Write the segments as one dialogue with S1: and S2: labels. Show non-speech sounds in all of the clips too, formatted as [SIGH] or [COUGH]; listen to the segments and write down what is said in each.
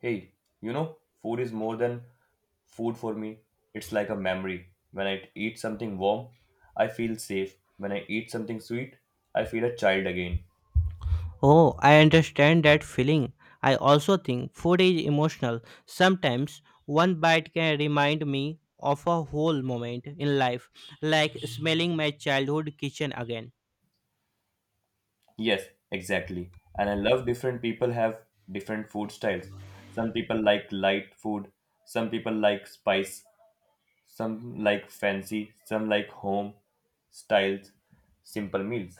S1: Hey, you know, food is more than food for me. It's like a memory. When I eat something warm, I feel safe. When I eat something sweet, I feel a child again.
S2: Oh, I understand that feeling. I also think food is emotional. Sometimes one bite can remind me of a whole moment in life, like smelling my childhood kitchen again.
S1: Yes, exactly. And I love different people have different food styles. Some people like light food, some people like spice, some like fancy, some like home styles, simple meals.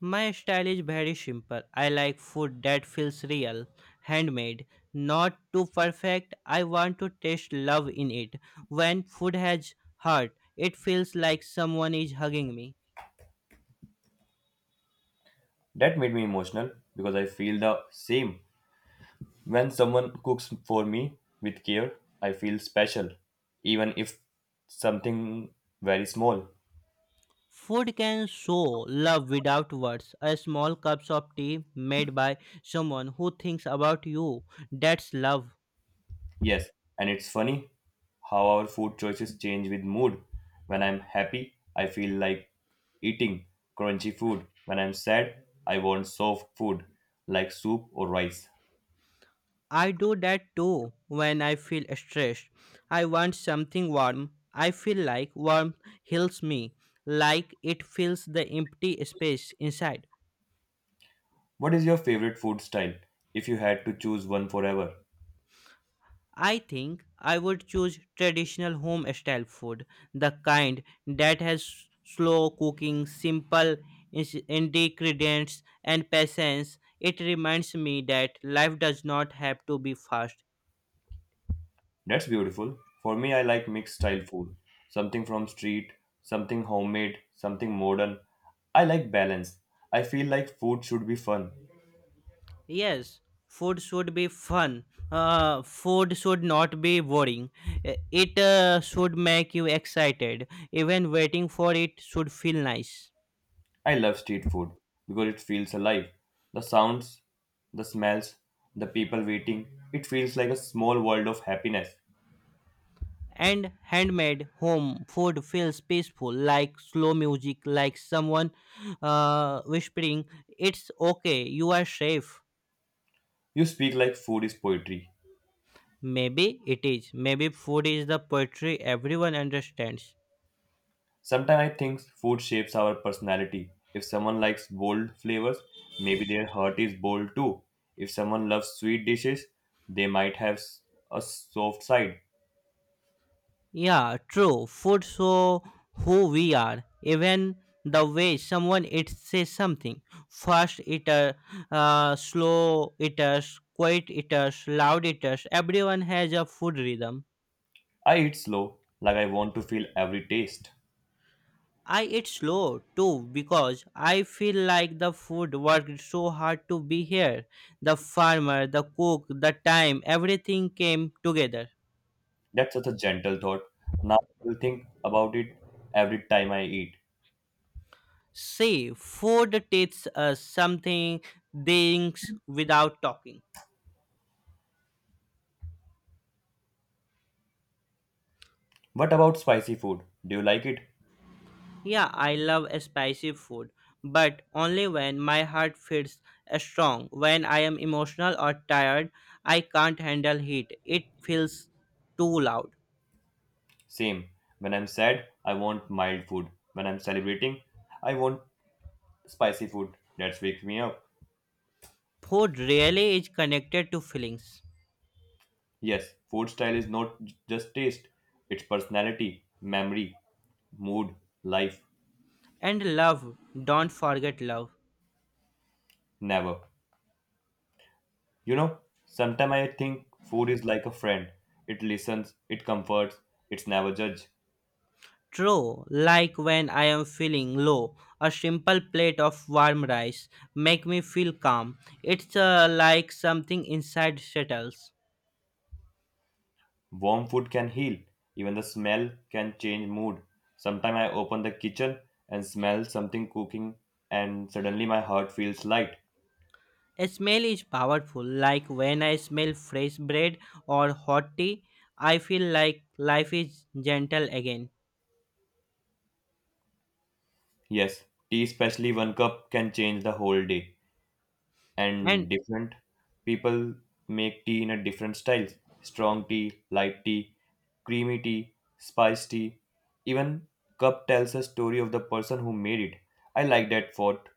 S2: My style is very simple. I like food that feels real, handmade, not too perfect. I want to taste love in it. When food has heart, it feels like someone is hugging me.
S1: That made me emotional because I feel the same. When someone cooks for me with care, I feel special, even if something very small.
S2: Food can show love without words. A small cup of tea made by someone who thinks about you, that's love.
S1: Yes, and it's funny how our food choices change with mood. When I'm happy, I feel like eating crunchy food. When I'm sad, I want soft food like soup or rice.
S2: I do that too when I feel stressed. I want something warm. I feel like warmth heals me, like it fills the empty space inside.
S1: What is your favorite food style if you had to choose one forever?
S2: I think I would choose traditional home style food, the kind that has slow cooking, simple ingredients, and patience. It reminds me that life does not have to be fast.
S1: That's beautiful. For me, I like mixed style food. Something from street, something homemade, something modern. I like balance. I feel like food should be fun.
S2: Yes, food should be fun. Food should not be boring. It should make you excited. Even waiting for it should feel nice.
S1: I love street food because it feels alive. The sounds, the smells, the people waiting. It feels like a small world of happiness.
S2: And handmade home food feels peaceful, like slow music, like someone whispering, it's okay, you are safe.
S1: You speak like food is poetry.
S2: Maybe it is. Maybe food is the poetry everyone understands.
S1: Sometimes I think food shapes our personality. If someone likes bold flavors, maybe their heart is bold too. If someone loves sweet dishes, they might have a soft side.
S2: Yeah, true. Food so who we are. Even the way someone eats says something. Fast eater, slow eaters, quiet eaters, loud eaters, everyone has a food rhythm.
S1: I eat slow, like I want to feel every taste.
S2: I eat slow too because I feel like the food worked so hard to be here. The farmer, the cook, the time, everything came together.
S1: That's such a gentle thought. Now I will think about it every time I eat.
S2: See, food teaches us something things without talking.
S1: What about spicy food? Do you like it?
S2: Yeah, I love spicy food, but only when my heart feels strong. When I am emotional or tired, I can't handle heat. It feels too loud.
S1: Same. When I'm sad, I want mild food. When I'm celebrating, I want spicy food. That's wake me up.
S2: Food really is connected to feelings.
S1: Yes, food style is not just taste, it's personality, memory, mood, life,
S2: And love, don't forget love.
S1: never. You know, sometimes I think food is like a friend. It listens, it comforts, it's never judge.
S2: True, like when I am feeling low, a simple plate of warm rice make me feel calm. It's like something inside settles.
S1: Warm food can heal, even the smell can change mood. Sometimes I open the kitchen and smell something cooking and suddenly my heart feels light.
S2: A smell is powerful, like when I smell fresh bread or hot tea, I feel like life is gentle again.
S1: Yes, tea especially one cup can change the whole day. And
S2: And
S1: different people make tea in a different styles, strong tea, light tea, creamy tea, spice tea, even cup tells a story of the person who made it. I like that thought.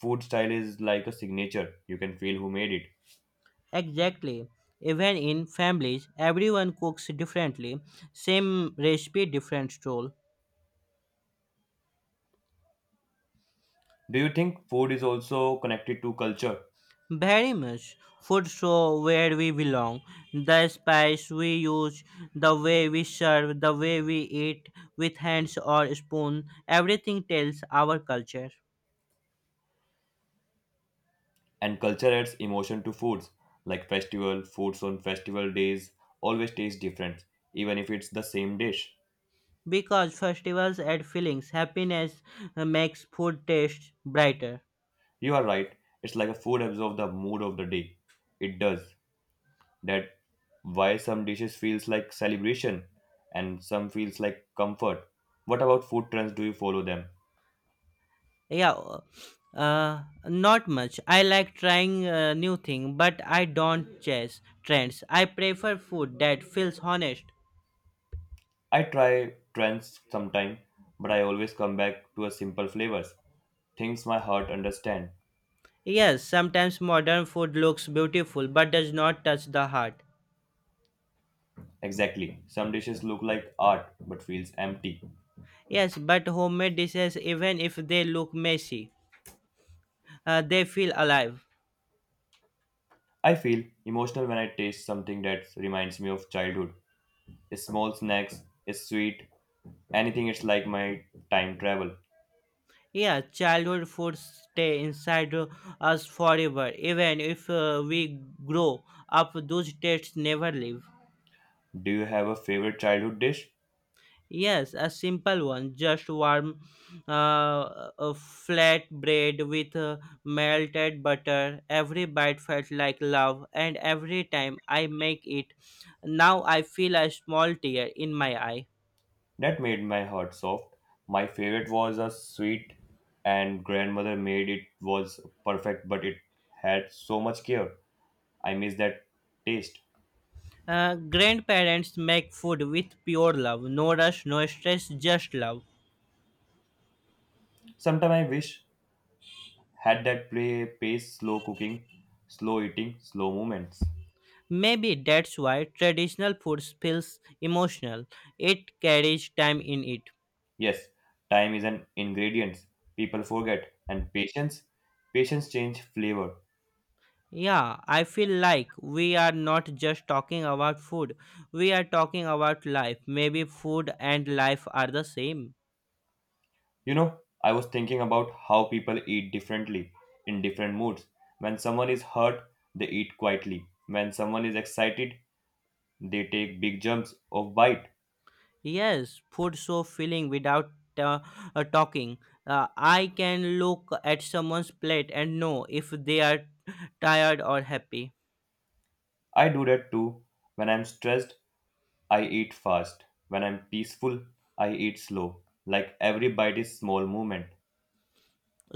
S1: Food style is like a signature, you can feel who made it.
S2: exactly, even in families, everyone cooks differently, same recipe, different role.
S1: Do you think food is also connected to culture?
S2: Very much. Food show where we belong. The spice we use, the way we serve, the way we eat with hands or spoon, everything tells our culture.
S1: And culture adds emotion to foods, like festival foods on festival days always taste different, even if it's the same dish.
S2: Because festivals add feelings, happiness makes food taste brighter.
S1: You are right. It's like a food absorbs the mood of the day. It does. That why some dishes feels like celebration and some feels like comfort. What about food trends? Do you follow them?
S2: Yeah, not much. I like trying new thing, but I don't chase trends. I prefer food that feels honest.
S1: I try trends sometime, but I always come back to a simple flavors. Things my heart understand.
S2: Yes, sometimes modern food looks beautiful but does not touch the heart.
S1: Exactly. Some dishes look like art but feels empty.
S2: Yes, but homemade dishes, even if they look messy, they feel alive.
S1: I feel emotional when I taste something that reminds me of childhood. Small snacks, sweet, anything. It's like my time travel.
S2: Yeah, childhood food stay inside us forever. Even if we grow up, those tastes never leave.
S1: Do you have a favorite childhood dish
S2: Yes, a simple one. Just warm a flat bread with melted butter. Every bite felt like love, and every time I make it, now I feel a small tear in my eye.
S1: that made my heart soft? My favorite was a sweet, and grandmother made it was perfect, but it had so much care. I miss that taste.
S2: Grandparents make food with pure love, no rush, no stress, just love.
S1: Sometimes I wish had that play pace, slow cooking, slow eating, slow movements.
S2: Maybe that's why traditional food feels emotional. It carries time in it.
S1: Yes, time is an ingredient people forget, and patience, patience change flavor.
S2: Yeah, I feel like we are not just talking about food, we are talking about life. Maybe food and life are the same.
S1: You know, I was thinking about how people eat differently in different moods. When someone is hurt, they eat quietly. When someone is excited, they take big jumps of bite.
S2: Yes, food so filling without uh, talking. I can look at someone's plate and know if they are tired or happy.
S1: I do that too. When I'm stressed, I eat fast. When I'm peaceful, I eat slow. Like every bite is small movement.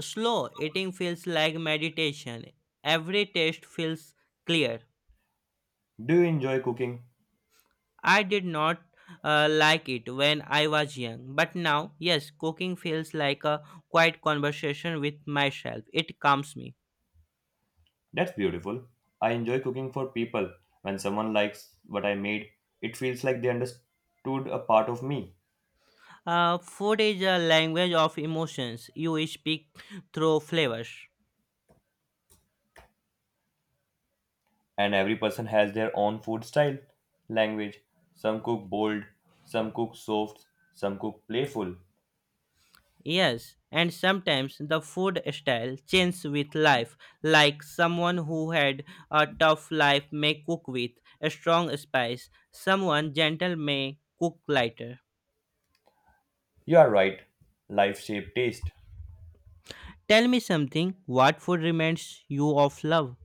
S2: Slow eating feels like meditation. Every taste feels clear.
S1: Do you enjoy cooking?
S2: I did not like it when I was young, but now, yes, cooking feels like a quiet conversation with myself. It calms me.
S1: That's beautiful. I enjoy cooking for people. When someone likes what I made, it feels like they understood a part of me.
S2: Food is a language of emotions. You speak through flavors.
S1: And every person has their own food style, language. Some cook bold, some cook soft, some cook playful.
S2: Yes, and sometimes the food style changes with life, like someone who had a tough life may cook with a strong spice, someone gentle may cook lighter.
S1: You are right. Life shape taste.
S2: Tell me something, what food reminds you of love?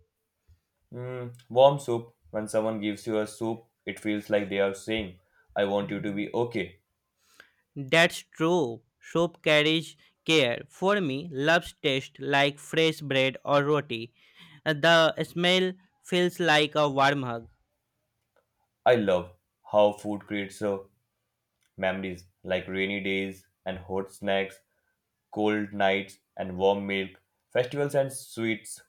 S1: Mm, warm soup. When someone gives you a soup, it feels like they are saying, I want you to be okay.
S2: That's true. Soap carries care. For me, loves taste like fresh bread or roti. The smell feels like a warm hug.
S1: I love how food creates memories like rainy days and hot snacks, cold nights and warm milk, festivals and sweets.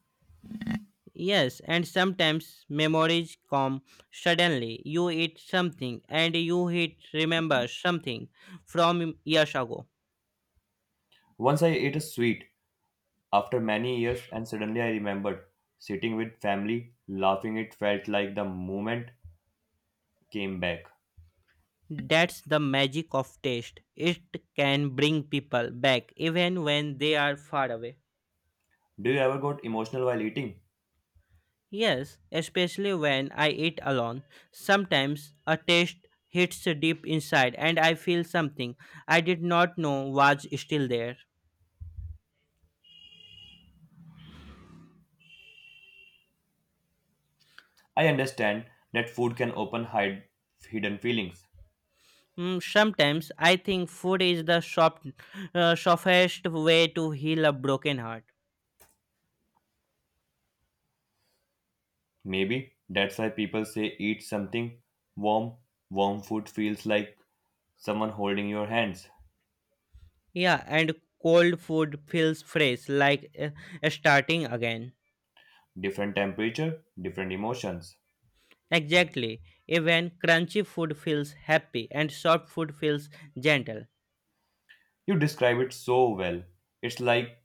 S2: Yes, and sometimes memories come suddenly. You eat something and you hit remember something from years ago.
S1: Once I ate a sweet after many years, and suddenly I remembered sitting with family, laughing. It felt like the moment came back.
S2: That's the magic of taste. It can bring people back even when they are far away.
S1: Do you ever got emotional while eating?
S2: Yes, especially when I eat alone. Sometimes a taste hits deep inside and I feel something I did not know was still there.
S1: I understand that food can open hide hidden feelings.
S2: Sometimes I think food is the softest way to heal a broken heart.
S1: Maybe that's why people say eat something warm. Warm food feels like someone holding your hands.
S2: Yeah, and cold food feels fresh, like starting again.
S1: Different temperature, different emotions.
S2: Exactly. Even crunchy food feels happy and soft food feels gentle.
S1: You describe it so well. It's like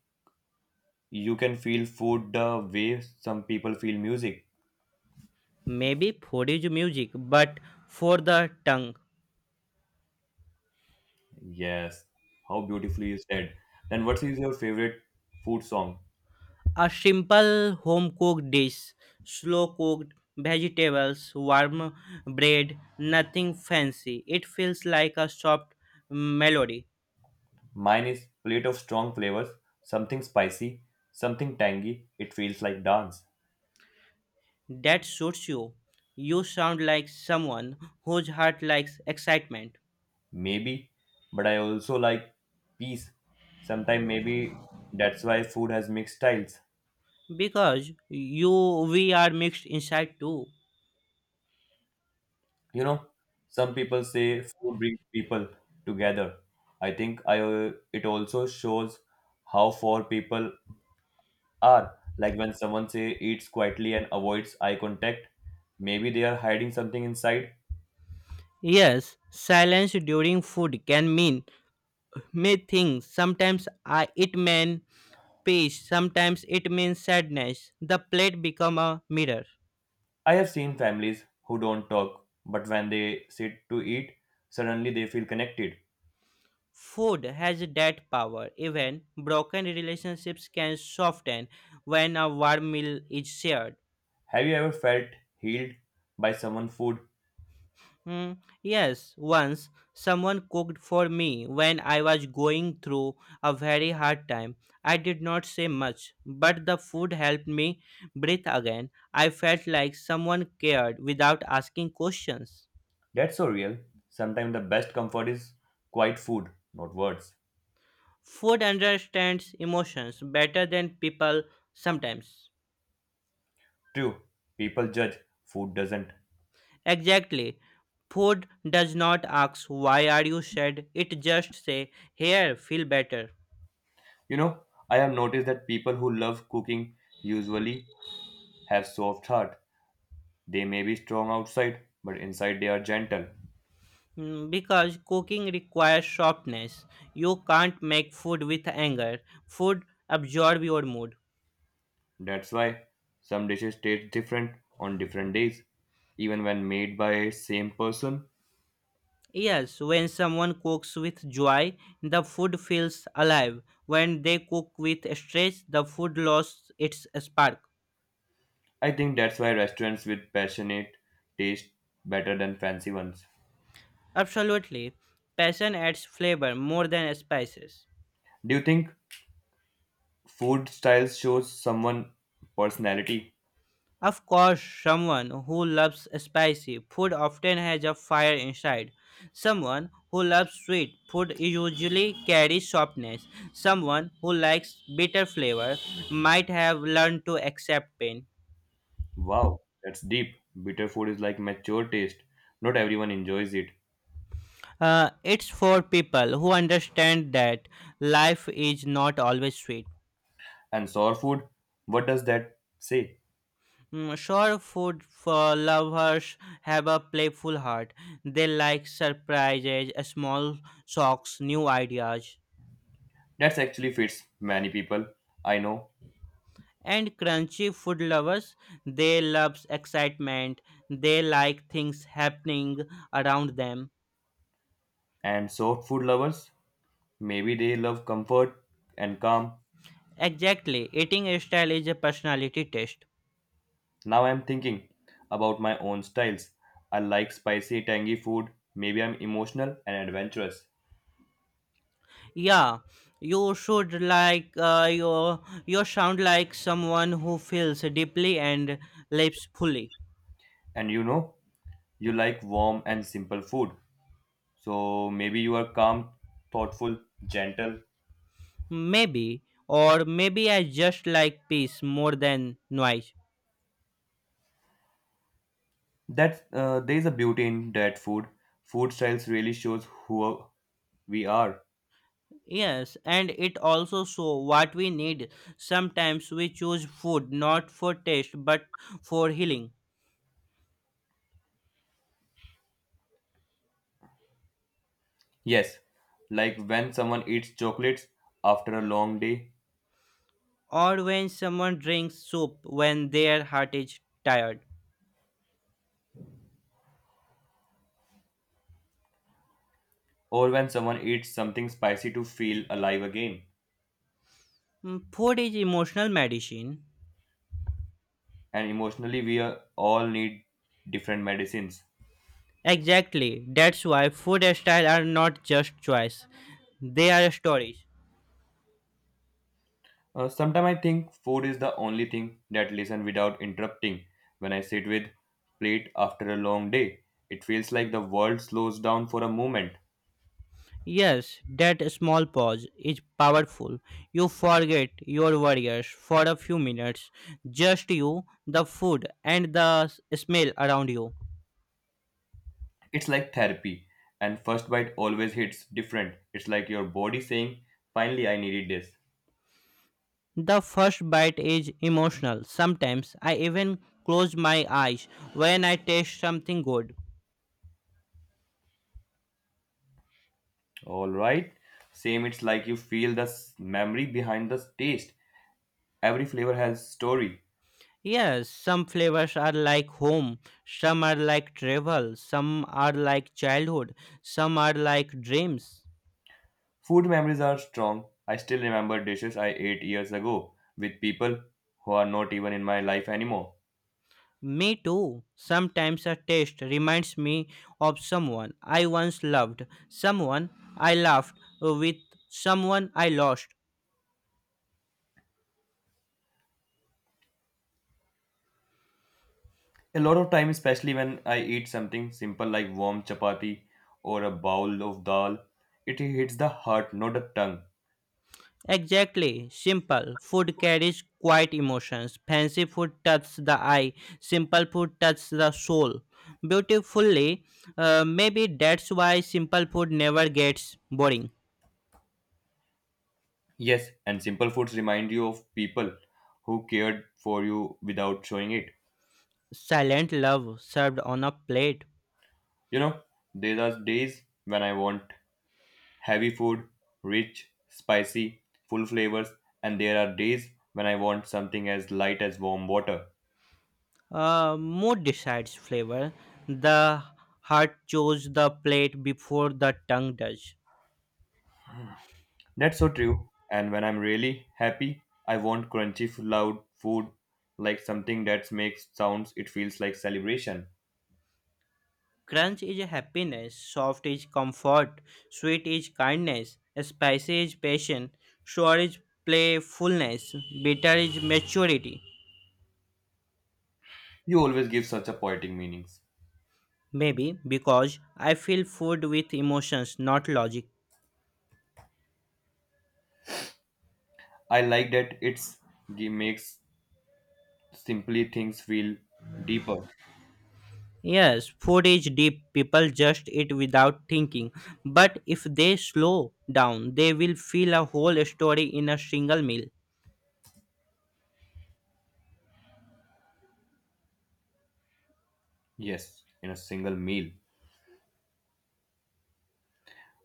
S1: you can feel food the way some people feel music.
S2: Maybe food is music, but for the tongue.
S1: Yes, how beautifully you said. Then what is your favorite food song?
S2: A simple home cooked dish, slow cooked vegetables, warm bread, nothing fancy. It feels like a soft melody.
S1: Mine is Plate of Strong Flavors, something spicy, something tangy, it feels like dance.
S2: That suits you. You sound like someone whose heart likes excitement.
S1: Maybe, but I also like peace. Sometimes maybe that's why food has mixed styles.
S2: Because you we are mixed inside too.
S1: You know, some people say food brings people together. I think I It also shows how four people. Or, like when someone say eats quietly and avoids eye contact, maybe they are hiding something inside.
S2: Yes, silence during food can mean many things. Sometimes it means peace, sometimes it means sadness. The plate become a mirror.
S1: I have seen families who don't talk, but when they sit to eat, suddenly they feel connected.
S2: Food has that power. Even broken relationships can soften when a warm meal is shared.
S1: Have you ever felt healed by someone's food?
S2: Hmm, yes, once someone cooked for me when I was going through a very hard time. I did not say much, but the food helped me breathe again. I felt like someone cared without asking questions.
S1: That's so real. Sometimes the best comfort is quiet food, not words.
S2: Food understands emotions better than people sometimes.
S1: True, people judge, food doesn't.
S2: Exactly. Food does not ask why are you sad. It just say here feel better.
S1: You know, I have noticed that people who love cooking usually have soft heart. They may be strong outside, but inside they are gentle.
S2: Because cooking requires softness. You can't make food with anger. Food absorb your mood.
S1: That's why some dishes taste different on different days, even when made by same person.
S2: Yes, when someone cooks with joy, the food feels alive. When they cook with stress, the food loses its spark.
S1: I think that's why restaurants with passionate taste better than fancy ones.
S2: Absolutely. Passion adds flavor more than spices.
S1: Do you think food styles shows someone personality?
S2: Of course, someone who loves spicy food often has a fire inside. Someone who loves sweet food usually carries softness. Someone who likes bitter flavor might have learned to accept pain.
S1: Wow, that's deep. Bitter food is like mature taste. Not everyone enjoys it.
S2: It's for people who understand that life is not always sweet.
S1: And sour food, what does that say?
S2: Sure, food for lovers have a playful heart. They like surprises, small shocks, new ideas.
S1: That's actually fits many people I know.
S2: And crunchy food lovers, they loves excitement. They like things happening around them.
S1: And soft food lovers, maybe they love comfort and calm.
S2: Exactly, eating style is a personality test.
S1: Now I'm thinking about my own styles. I like spicy, tangy food. Maybe I'm emotional and adventurous.
S2: Yeah, you should like uh, your you sound like someone who feels deeply and lives fully.
S1: And you know, you like warm and simple food. So maybe you are calm, thoughtful, gentle.
S2: Maybe, or maybe I just like peace more than noise.
S1: That There is a beauty in that food. Food styles really shows who we are.
S2: Yes, and it also show what we need. Sometimes we choose food not for taste but for healing.
S1: Yes, like when someone eats chocolates after a long day,
S2: Or when someone drinks soup when their heart is tired.
S1: or when someone eats something spicy to feel alive again.
S2: Food is emotional medicine.
S1: And emotionally, we all need different medicines.
S2: Exactly. That's why food style are not just choice. They are stories.
S1: Sometimes I think food is the only thing that listens without interrupting. When I sit with plate after a long day, it feels like the world slows down for a moment.
S2: Yes, that small pause is powerful. You forget your worries for a few minutes. Just you, the food, and the smell around you.
S1: It's like therapy, and first bite always hits different. It's like your body saying, "Finally, I needed this."
S2: The first bite is emotional. Sometimes I even close my eyes when I taste something good.
S1: All right. Same, it's like you feel the memory behind the taste. Every flavor has story.
S2: Yes, some flavors are like home, some are like travel, some are like childhood, some are like dreams.
S1: Food memories are strong. I still remember dishes I ate years ago with people who are not even in my life anymore.
S2: Me too. Sometimes a taste reminds me of someone I once loved, someone I laughed with, someone I lost.
S1: A lot of time, especially when I eat something simple like warm chapati or a bowl of dal, it hits the heart, not the tongue.
S2: Exactly. Simple. Food carries quiet emotions. Fancy food touches the eye. Simple food touches the soul. Beautifully. Maybe that's why simple food never gets boring.
S1: Yes, and simple foods remind you of people who cared for you without showing it.
S2: Silent love served on a plate.
S1: You know, there are days when I want heavy food, rich, spicy, full flavors, and there are days when I want something as light as warm water.
S2: Mood decides flavor. The heart chose the plate before the tongue does.
S1: That's so true. And when I'm really happy, I want crunchy, loud food, like something that makes sounds, it feels like celebration.
S2: Crunch is happiness, soft is comfort, sweet is kindness, spicy is passion, sour is playfulness, bitter is maturity.
S1: You always give such a poetic meanings.
S2: Maybe because I feel food with emotions, not logic.
S1: I like that it's makes simply things feel deeper.
S2: Yes, food is deep. People just eat without thinking. But if they slow down, they will feel a whole story in a single meal.
S1: Yes, in a single meal.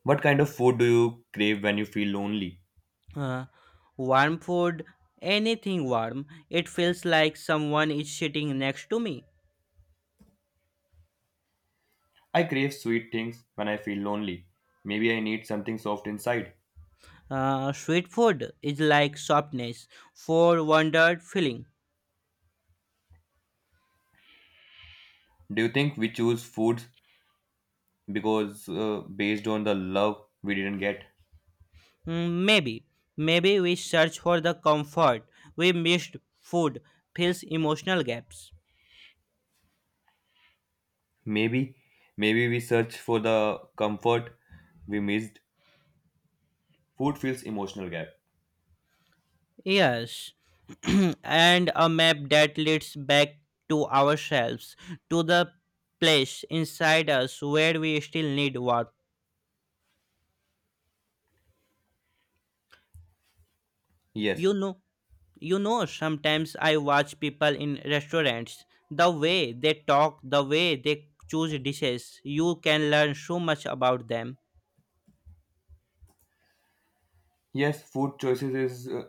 S1: What kind of food do you crave when you feel lonely?
S2: Uh, warm food, anything warm. It feels like someone is sitting next to me.
S1: I crave sweet things when I feel lonely. Maybe I need something soft inside.
S2: Sweet food is like softness for wondered feeling.
S1: Do you think we choose foods because based on the love we didn't get?
S2: Mm, maybe, maybe we search for the comfort we missed. Food fills emotional gaps.
S1: Maybe, maybe we search for the comfort we missed. Food feels emotional gap.
S2: Yes, [CLEARS THROAT] and a map that leads back to ourselves, to the place inside us where we still need warmth.
S1: Yes,
S2: You know, Sometimes I watch people in restaurants, the way they talk, the way they choose dishes, you can learn so much about them.
S1: yes, food choices is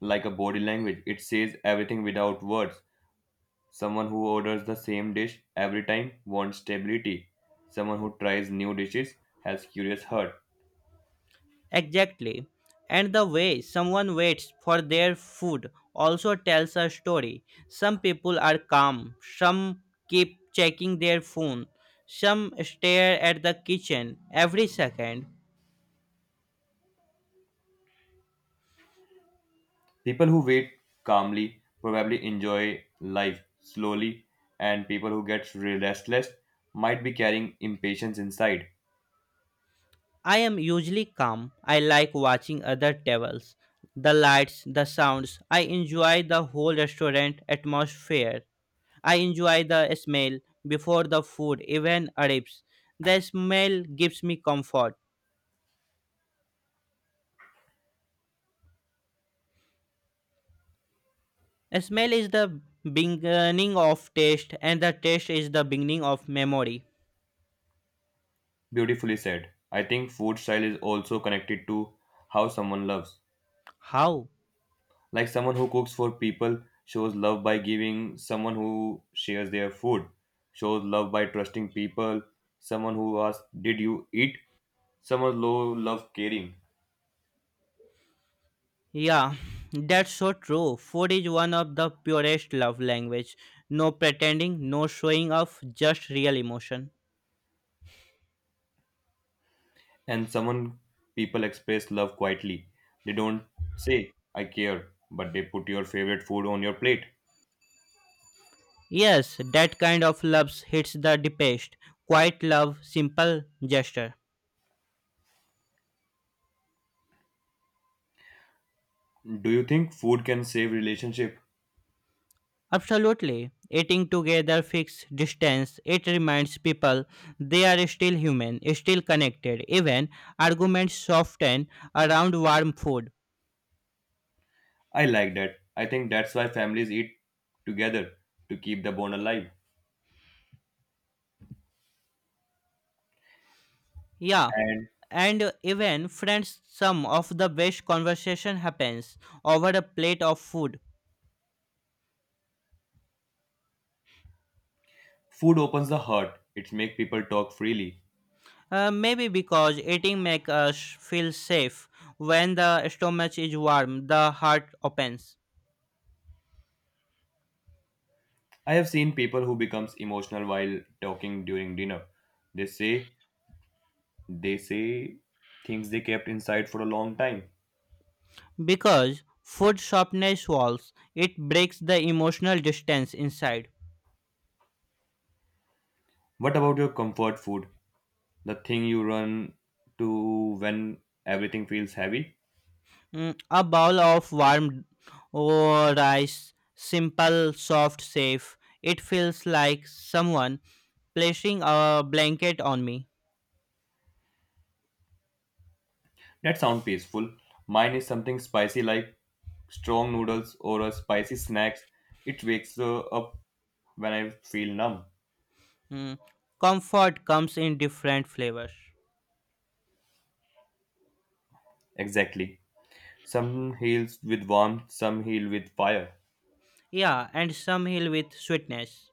S1: like a body language. It says everything without words. Someone who orders the same dish every time wants stability. Someone who tries new dishes has curious heart.
S2: Exactly. And the way someone waits for their food also tells a story. Some people are calm, some keep checking their phone, some stare at the kitchen every second.
S1: People who wait calmly probably enjoy life slowly, and people who get restless might be carrying impatience inside.
S2: I am usually calm. I like watching other tables, the lights, the sounds. I enjoy the whole restaurant atmosphere. I enjoy the smell before the food even arrives. The smell gives me comfort. Smell is the beginning of taste, and the taste is the beginning of memory.
S1: Beautifully said. I think food style is also connected to how someone loves.
S2: How?
S1: Like someone who cooks for people shows love by giving, someone who shares their food shows love by trusting people, someone who asks, Did you eat? Someone low love caring.
S2: Yeah, [LAUGHS] [SIGHS] that's so true. Food is one of the purest love language. No pretending, no showing off, just real emotion.
S1: And someone people express love quietly. They don't say, I care, but they put your favorite food on your plate.
S2: Yes, that kind of love hits the deepest. Quiet love, simple gesture.
S1: Do you think food can save relationship?
S2: Absolutely. Eating together fixed distance. It reminds people they are still human, still connected. Even arguments soften around warm food.
S1: I like that. I think that's why families eat together to keep the bond alive.
S2: Yeah.
S1: And
S2: And even friends, some of the best conversation happens over a plate of food.
S1: food opens the heart. It makes people talk freely.
S2: Maybe because eating makes us feel safe. When the stomach is warm, the heart opens.
S1: I have seen people who becomes emotional while talking during dinner. They say they say things they kept inside for a long time.
S2: Because food softness walls, it breaks the emotional distance inside.
S1: What about your comfort food? The thing you run to when everything feels heavy.
S2: A bowl of warm oh, rice, simple, soft, safe, it feels like someone placing a blanket on me.
S1: That sounds peaceful. Mine is something spicy like strong noodles or a spicy snacks. It wakes up when I feel numb.
S2: Mm, Comfort comes in different flavors.
S1: Exactly. Some heals with warmth, some heal with fire.
S2: Yeah, and some heal with sweetness.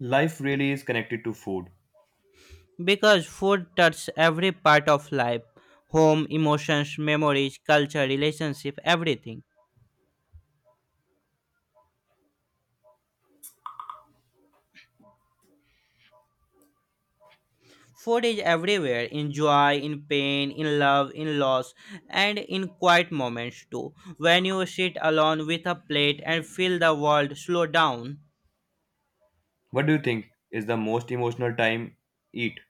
S1: Life really is connected to food.
S2: Because food touches every part of life home, emotions, memories, culture, relationship, everything. Food is everywhere in joy, in pain, in love, in loss, and in quiet moments too. When you sit alone with a plate and feel the world slow down,
S1: What do you think is the most emotional time eat?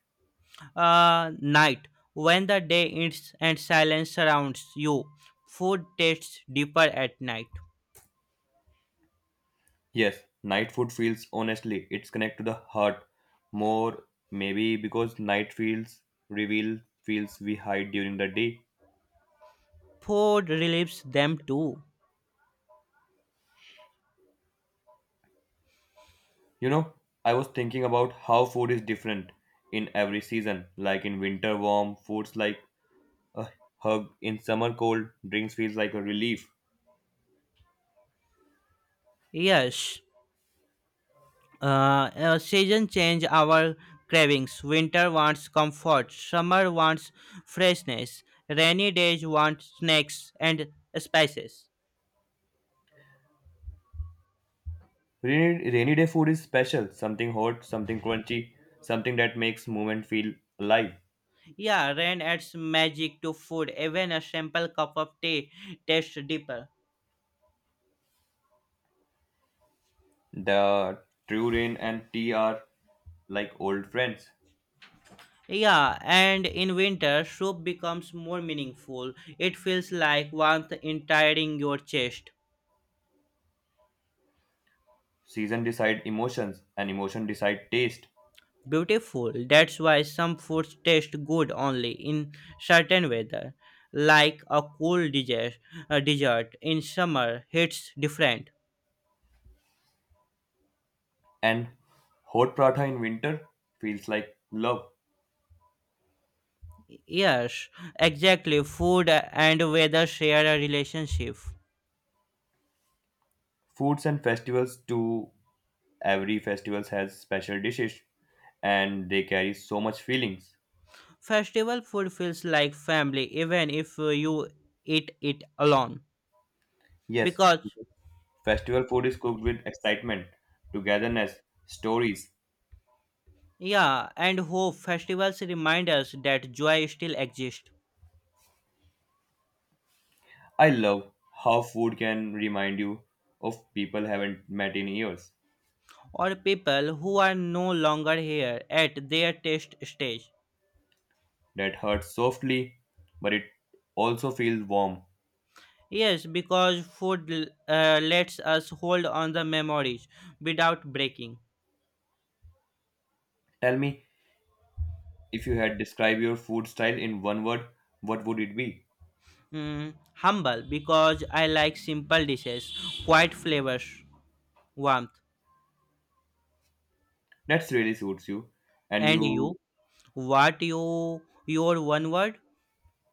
S2: Night, when the day ends and silence surrounds you, food tastes deeper at night.
S1: Yes, night food feels honestly, it's connect to the heart more, maybe because night feels reveal feels we hide during the day.
S2: Food relieves them too.
S1: You know, I was thinking about how food is different in every season. Like in winter warm, foods like a hug, in summer cold, drinks feels like a relief.
S2: Yes. Season change our cravings. Winter wants comfort. Summer wants freshness. Rainy days want snacks and spices.
S1: Rainy day food is special, something hot, something crunchy, something that makes movement feel alive.
S2: Yeah, rain adds magic to food. Even a simple cup of tea tastes deeper.
S1: The true rain and tea are like old friends.
S2: Yeah, and in winter, soup becomes more meaningful. It feels like warmth entering your chest.
S1: Season decide emotions, and emotion decide taste.
S2: Beautiful. That's why some foods taste good only in certain weather, like a cool dessert, a dessert in summer hits different.
S1: And hot paratha in winter feels like love.
S2: Yes, exactly. Food and weather share a relationship.
S1: Foods and festivals too. Every festival has special dishes, and they carry so much feelings.
S2: Festival food feels like family even if you eat it alone.
S1: Yes,
S2: Because,
S1: festival food is cooked with excitement, togetherness, stories.
S2: yeah, and hope, festivals remind us that joy still exists.
S1: I love how food can remind you of people haven't met in years.
S2: Or people who are no longer here at their taste stage.
S1: That hurts softly, but it also feels warm.
S2: Yes, because food lets us hold on the memories without breaking.
S1: Tell me, if you had describe your food style in one word, what would it be?
S2: Humble, because I like simple dishes, quiet flavors, warmth.
S1: That's really suits you. And
S2: And
S1: you
S2: you, your one word?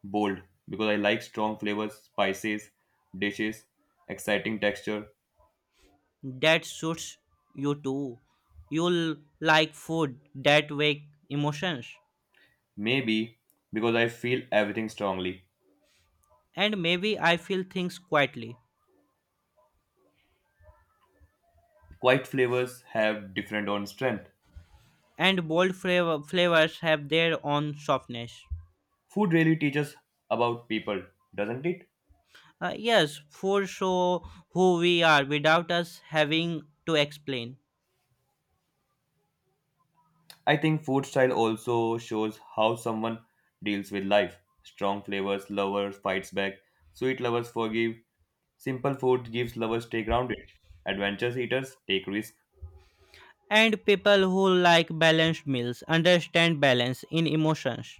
S1: bold because I like strong flavors, spices, dishes, exciting texture.
S2: That suits you too. You like food that wake emotions,
S1: Maybe because I feel everything strongly.
S2: and maybe I feel things quietly.
S1: Quite flavors have different own strength.
S2: And bold flavors have their own softness.
S1: Food really teaches about people, doesn't it?
S2: Yes, for show who we are without us having to explain.
S1: I think food style also shows how someone deals with life. Strong flavors, lovers fights back, sweet lovers forgive, simple food gives lovers stay grounded. Adventurous eaters take risks.
S2: And people who like balanced meals understand balance in emotions.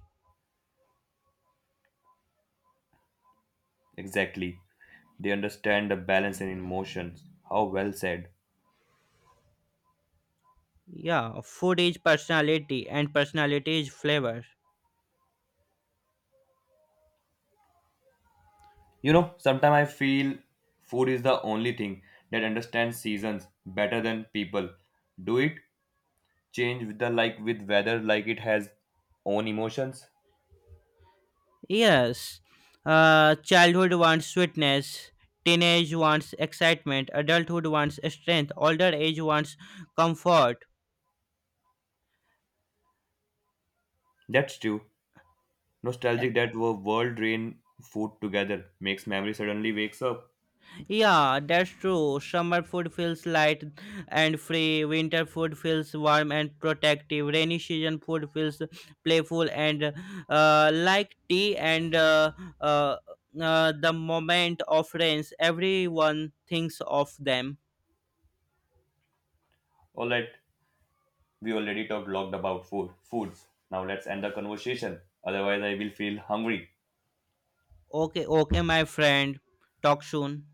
S1: Exactly. They understand the balance and emotions. How well said.
S2: Yeah, food is personality and personality is flavor.
S1: You know, sometimes I feel food is the only thing that understands seasons better than people. Do it change with the like with weather like it has own emotions?
S2: Yes, childhood wants sweetness, teenage wants excitement, adulthood wants strength, older age wants comfort.
S1: That's true. Nostalgic that were world rain food together makes memory suddenly wakes up.
S2: Yeah, that's true. Summer food feels light and free. Winter food feels warm and protective. Rainy season food feels playful and like tea and uh, the moment of rains. Everyone thinks of them.
S1: All right. We already talked lot about food foods now let's end the conversation otherwise I will feel hungry.
S2: Okay, okay, my friend. Talk soon.